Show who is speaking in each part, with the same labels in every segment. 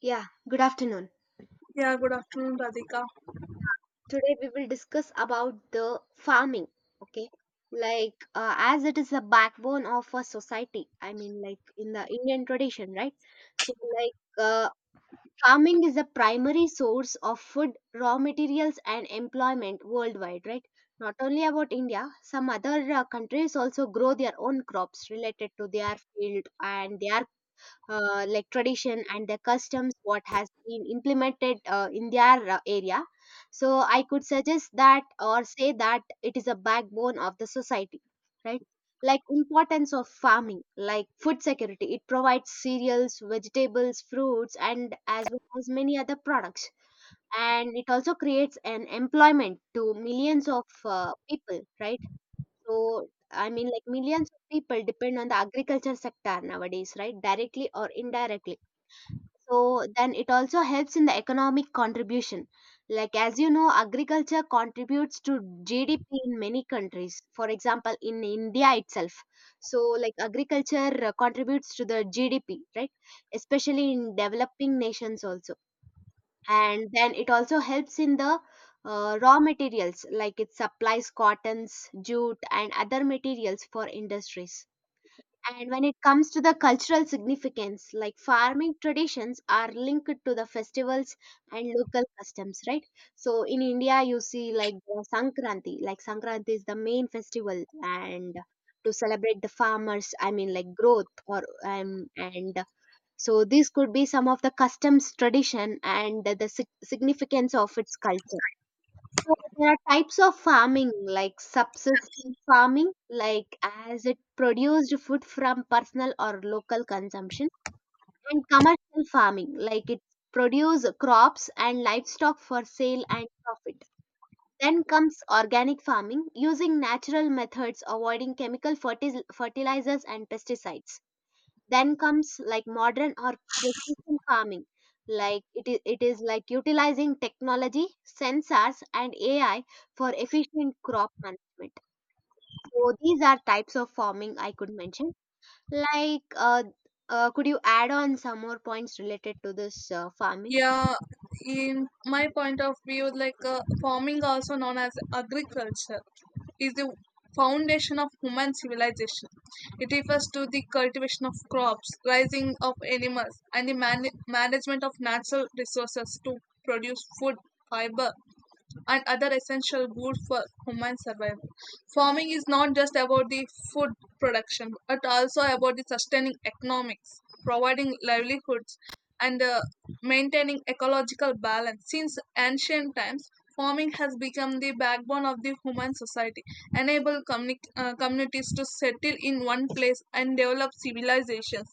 Speaker 1: Yeah, good afternoon.
Speaker 2: Yeah, good afternoon, Radhika.
Speaker 1: Today we will discuss about the farming, okay? Like as it is a backbone of a society. I mean like in the Indian tradition, right? So like farming is a primary source of food, raw materials and employment worldwide, right? Not only about India, some other countries also grow their own crops related to their field and their like tradition and the customs what has been implemented in their area, so I could suggest that or say that it is a backbone of the society, right? Like importance of farming, like food security, it provides cereals, vegetables, fruits and as well as many other products. And it also creates an employment to millions of people, right? So I mean, like millions of people depend on the agriculture sector nowadays, right? Directly or indirectly. So then it also helps in the economic contribution. Like as you know, agriculture contributes to GDP in many countries. For example, in India itself. So like agriculture contributes to the GDP, right? Especially in developing nations also. And then it also helps in the raw materials, like it supplies cottons, jute, and other materials for industries. And when it comes to the cultural significance, like farming traditions are linked to the festivals and local customs, right? So in India, you see like the Sankranti, like Sankranti is the main festival, and to celebrate the farmers, I mean like growth or and so this could be some of the customs, tradition and the significance of its culture. So there are types of farming, like subsistence farming, like as it produced food from personal or local consumption, and commercial farming, like it produce crops and livestock for sale and profit. Then comes organic farming, using natural methods, avoiding chemical fertilizers and pesticides. Then comes like modern or precision farming, like it is like utilizing technology, sensors and AI for efficient crop management. So these are types of farming I could mention. Like could you add on some more points related to this farming?
Speaker 2: Yeah, in my point of view, farming, also known as agriculture, is the foundation of human civilization. It refers to the cultivation of crops, raising of animals, and the management of natural resources to produce food, fiber, and other essential goods for human survival. Farming is not just about the food production, but also about the sustaining economics, providing livelihoods, and maintaining ecological balance. Since ancient times, farming has become the backbone of the human society, enable communities to settle in one place and develop civilizations.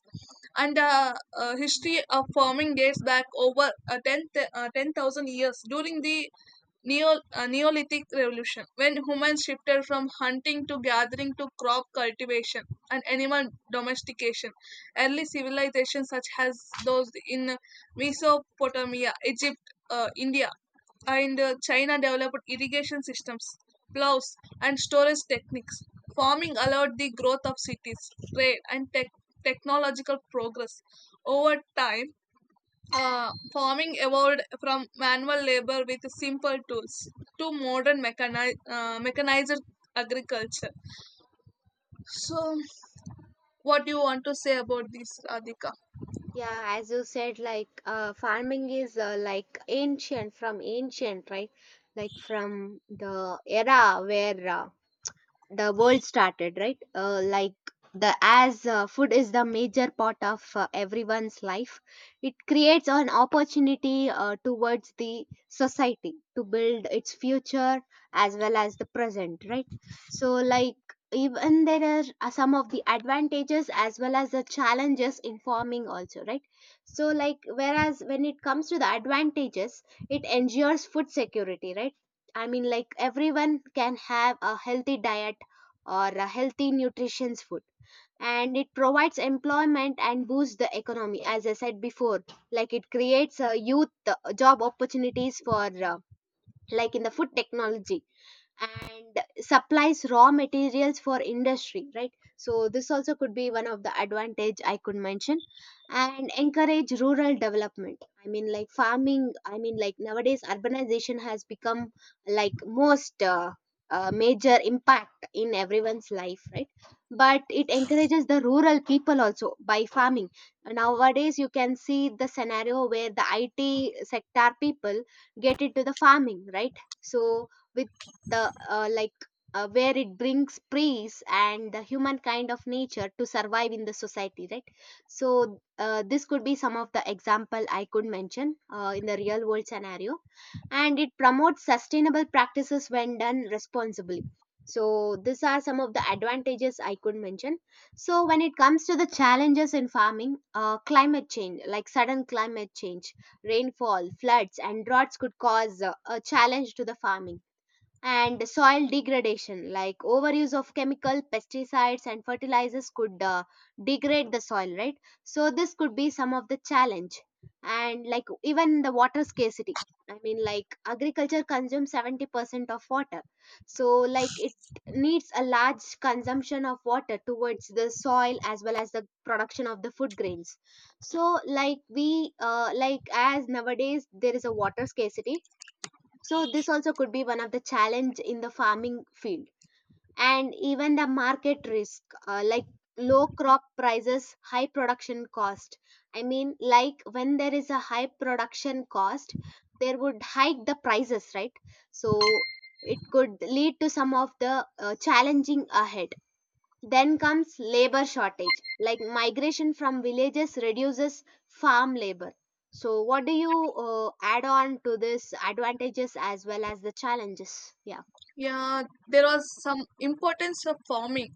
Speaker 2: And History of farming dates back over 10,000 10,000 years, during the Neolithic Revolution, when humans shifted from hunting to gathering to crop cultivation and animal domestication. Early civilizations, such as those in Mesopotamia, Egypt, India, and China, developed irrigation systems, plows, and storage techniques. Farming allowed the growth of cities, trade, and technological progress. Over time, farming evolved from manual labor with simple tools to modern mechanized agriculture. So, what do you want to say about this, Radhika?
Speaker 1: Yeah, as you said, like farming is like ancient, from ancient, right? Like from the era where the world started, right? Like the, as food is the major part of everyone's life, it creates an opportunity towards the society to build its future as well as the present, right? So like even there are some of the advantages as well as the challenges in farming also, right? So like, whereas when it comes to the advantages, it ensures food security, right? I mean, like everyone can have a healthy diet or a healthy nutritious food, and it provides employment and boosts the economy, as I said before. Like it creates youth job opportunities for like in the food technology, and supplies raw materials for industry, right? So this also could be one of the advantage I could mention. And encourage rural development, I mean like farming, I mean like nowadays urbanization has become like most major impact in everyone's life, right? But it encourages the rural people also by farming. Nowadays you can see the scenario where the it sector people get into the farming, right? So with the like where it brings praise and the human kind of nature to survive in the society, right? So this could be some of the example I could mention in the real world scenario. And it promotes sustainable practices when done responsibly. So these are some of the advantages I could mention. So when it comes to the challenges in farming, climate change, like sudden climate change, rainfall, floods and droughts could cause a challenge to the farming. And soil degradation, like overuse of chemical pesticides and fertilizers could degrade the soil, right? So this could be some of the challenge. And like even the water scarcity, I mean like agriculture consumes 70% of water, so like it needs a large consumption of water towards the soil as well as the production of the food grains. So like we like, as nowadays there is a water scarcity, so this also could be one of the challenge in the farming field. And even the market risk, like low crop prices, high production cost. I mean, like when there is a high production cost, there would hike the prices, right? So it could lead to some of the challenging ahead. Then comes labor shortage, like migration from villages reduces farm labor. So, what do you add on to this advantages as well as the challenges? Yeah,
Speaker 2: Yeah, there was some importance of farming.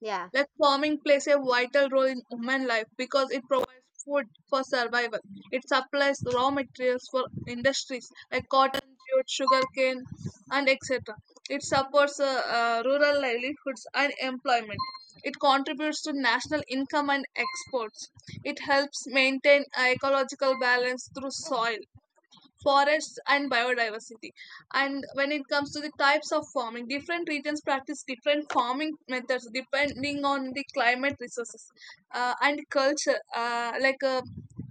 Speaker 1: yeah,
Speaker 2: Like, farming plays a vital role in human life because it provides food for survival. It supplies raw materials for industries like cotton, jute, sugarcane, and etc. It supports rural livelihoods and employment. It contributes to national income and exports. It helps maintain ecological balance through soil, forests, and biodiversity. And when it comes to the types of farming, different regions practice different farming methods depending on the climate, resources, and culture.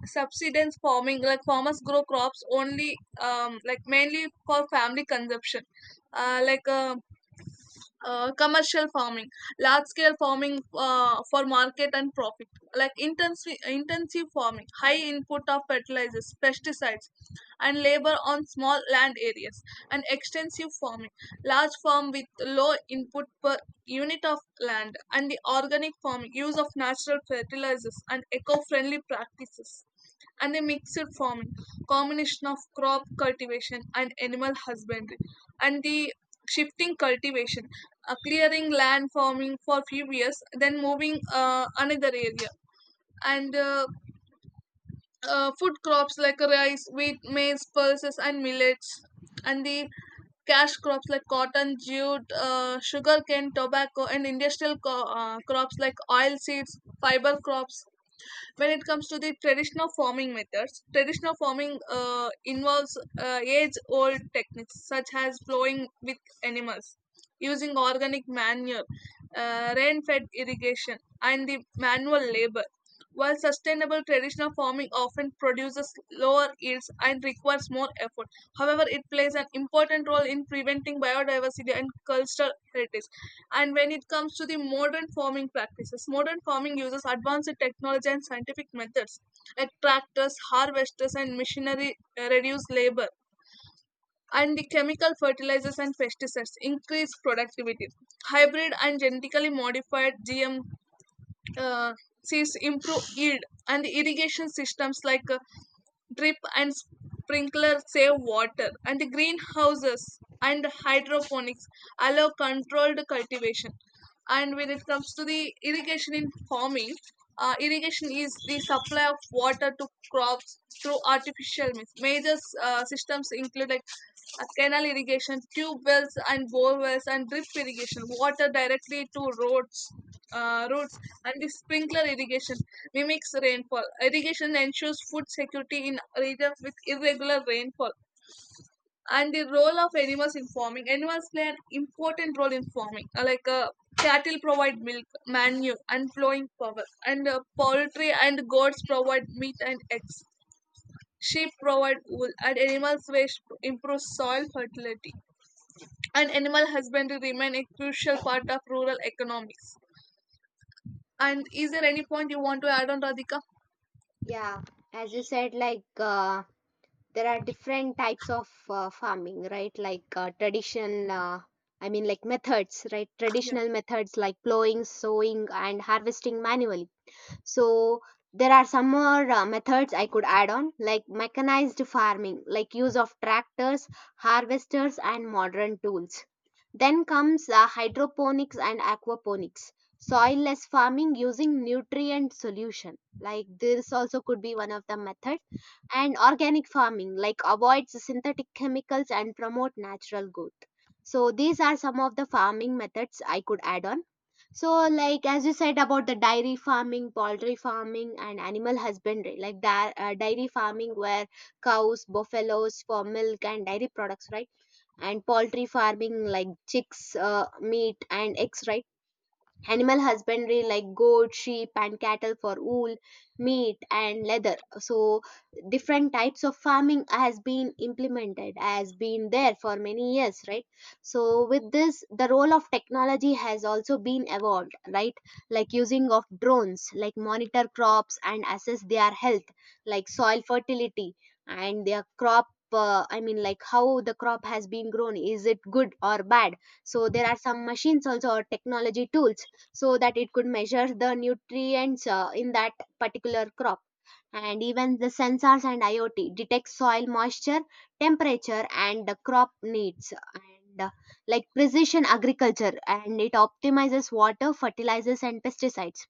Speaker 2: Subsistence farming, like farmers grow crops only like mainly for family consumption. uh, like uh, Commercial farming, large scale farming for market and profit. Like intensive farming, high input of fertilizers, pesticides, and labor on small land areas. And extensive farming, large farm with low input per unit of land. And the organic farming, use of natural fertilizers and eco friendly practices. And the mixed farming, combination of crop cultivation and animal husbandry. And the shifting cultivation, clearing land, farming for few years, then moving another area. And Food crops like rice, wheat, maize, pulses, and millets. And the cash crops like cotton, jute, sugarcane, tobacco, and industrial crops like oil seeds, fiber crops. When it comes to the traditional farming methods, traditional farming involves age old techniques such as plowing with animals, using organic manure, rain fed irrigation, and the manual labor. While sustainable traditional farming often produces lower yields and requires more effort, however, it plays an important role in preventing biodiversity and cultural heritage. And when it comes to the modern farming practices, modern farming uses advanced technology and scientific methods like tractors, harvesters, and machinery reduce labor. And the chemical fertilizers and pesticides increase productivity. Hybrid and genetically modified GM uh, sees improved yield. And irrigation systems like drip and sprinkler save water. And the greenhouses and hydroponics allow controlled cultivation. And when it comes to the irrigation in farming, irrigation is the supply of water to crops through artificial means. Major systems include like canal irrigation, tube wells and bore wells, and drip irrigation, water directly to roads, and the sprinkler irrigation mimics rainfall. Irrigation ensures food security in regions with irregular rainfall. And the role of animals in farming: animals play an important role in farming, cattle provide milk, manure, and flowing power, and poultry and goats provide meat and eggs. Sheep provide wool, and animals' waste improve soil fertility. And animal husbandry remain a crucial part of rural economics. And is there any point you want to add on, Radhika?
Speaker 1: yeah. As you said, like there are different types of farming, right? Like traditional, I mean, like methods, right?
Speaker 2: Yeah.
Speaker 1: Traditional methods like plowing, sowing, and harvesting manually. So there are some more methods I could add on, like mechanized farming, like use of tractors, harvesters, and modern tools. Then comes hydroponics and aquaponics, soilless farming using nutrient solution. Like this also could be one of the method. And organic farming, like avoids synthetic chemicals and promote natural growth. So these are some of the farming methods I could add on. So like, as you said about the dairy farming, poultry farming, and animal husbandry, like dairy farming where cows, buffaloes for milk and dairy products, right? And poultry farming like chicks, meat, and eggs, right? Animal husbandry like goat, sheep and cattle for wool, meat and leather. So different types of farming has been implemented, has been there for many years, right? So with this the role of technology has also been evolved, right? Like using of drones, like monitor crops and assess their health, like soil fertility and their crop, I mean like how the crop has been grown, is it good or bad. So there are some machines also or technology tools, so that it could measure the nutrients in that particular crop. And even the sensors and IoT detect soil moisture, temperature and the crop needs. And like precision agriculture, and it optimizes water, fertilizers and pesticides.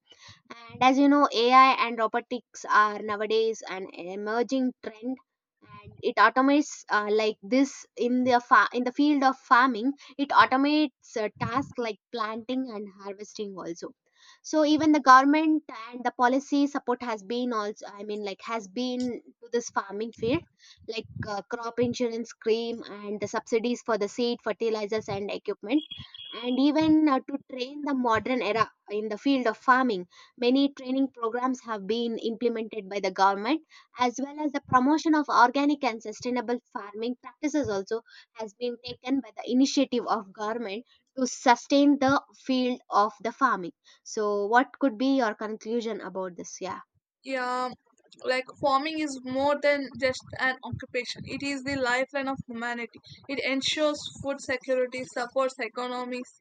Speaker 1: And as you know, AI and robotics are nowadays an emerging trend, and it automates like this, in the in the field of farming. It automates tasks like planting and harvesting also. So even the government and the policy support has been also, I mean, like has been to this farming field, like crop insurance scheme and the subsidies for the seed, fertilizers, and equipment. And even to train the modern era in the field of farming, many training programs have been implemented by the government, as well as the promotion of organic and sustainable farming practices also has been taken by the initiative of government to sustain the field of the farming. So, what could be your conclusion about this? Yeah,
Speaker 2: Yeah, like farming is more than just an occupation. It is the lifeline of humanity. It ensures food security, supports economies,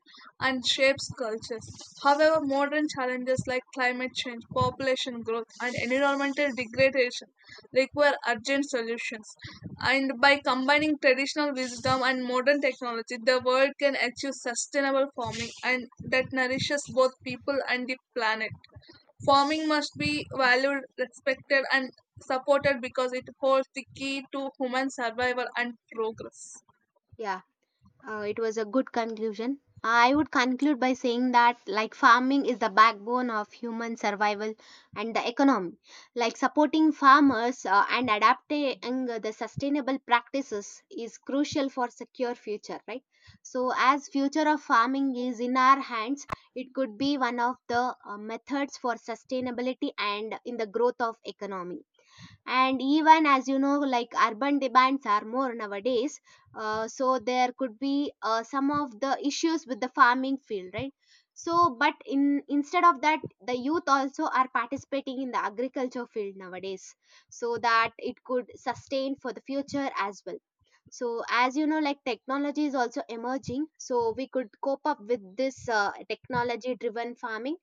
Speaker 2: and shapes cultures. However, modern challenges like climate change, population growth, and environmental degradation require urgent solutions. And by combining traditional wisdom and modern technology, the world can achieve sustainable farming and that nourishes both people and the planet. Farming must be valued, respected, and supported because it holds the key to human survival and progress.
Speaker 1: yeah. It was a good conclusion. I would conclude by saying that, like, farming is the backbone of human survival and the economy. Like, supporting farmers and adapting the sustainable practices is crucial for secure future, right? So, as future of farming is in our hands, it could be one of the methods for sustainability and in the growth of economy. And even as you know, like urban demands are more nowadays, so there could be some of the issues with the farming field, right? So, but in instead of that, the youth also are participating in the agriculture field nowadays, so that it could sustain for the future as well. So, as you know, like technology is also emerging, so we could cope up with this technology-driven farming,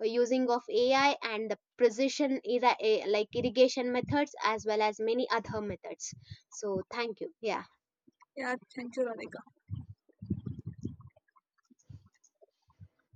Speaker 1: using of AI and the precision like irrigation methods as well as many other methods. So thank you. Yeah.
Speaker 2: Yeah, thank you, Radhika.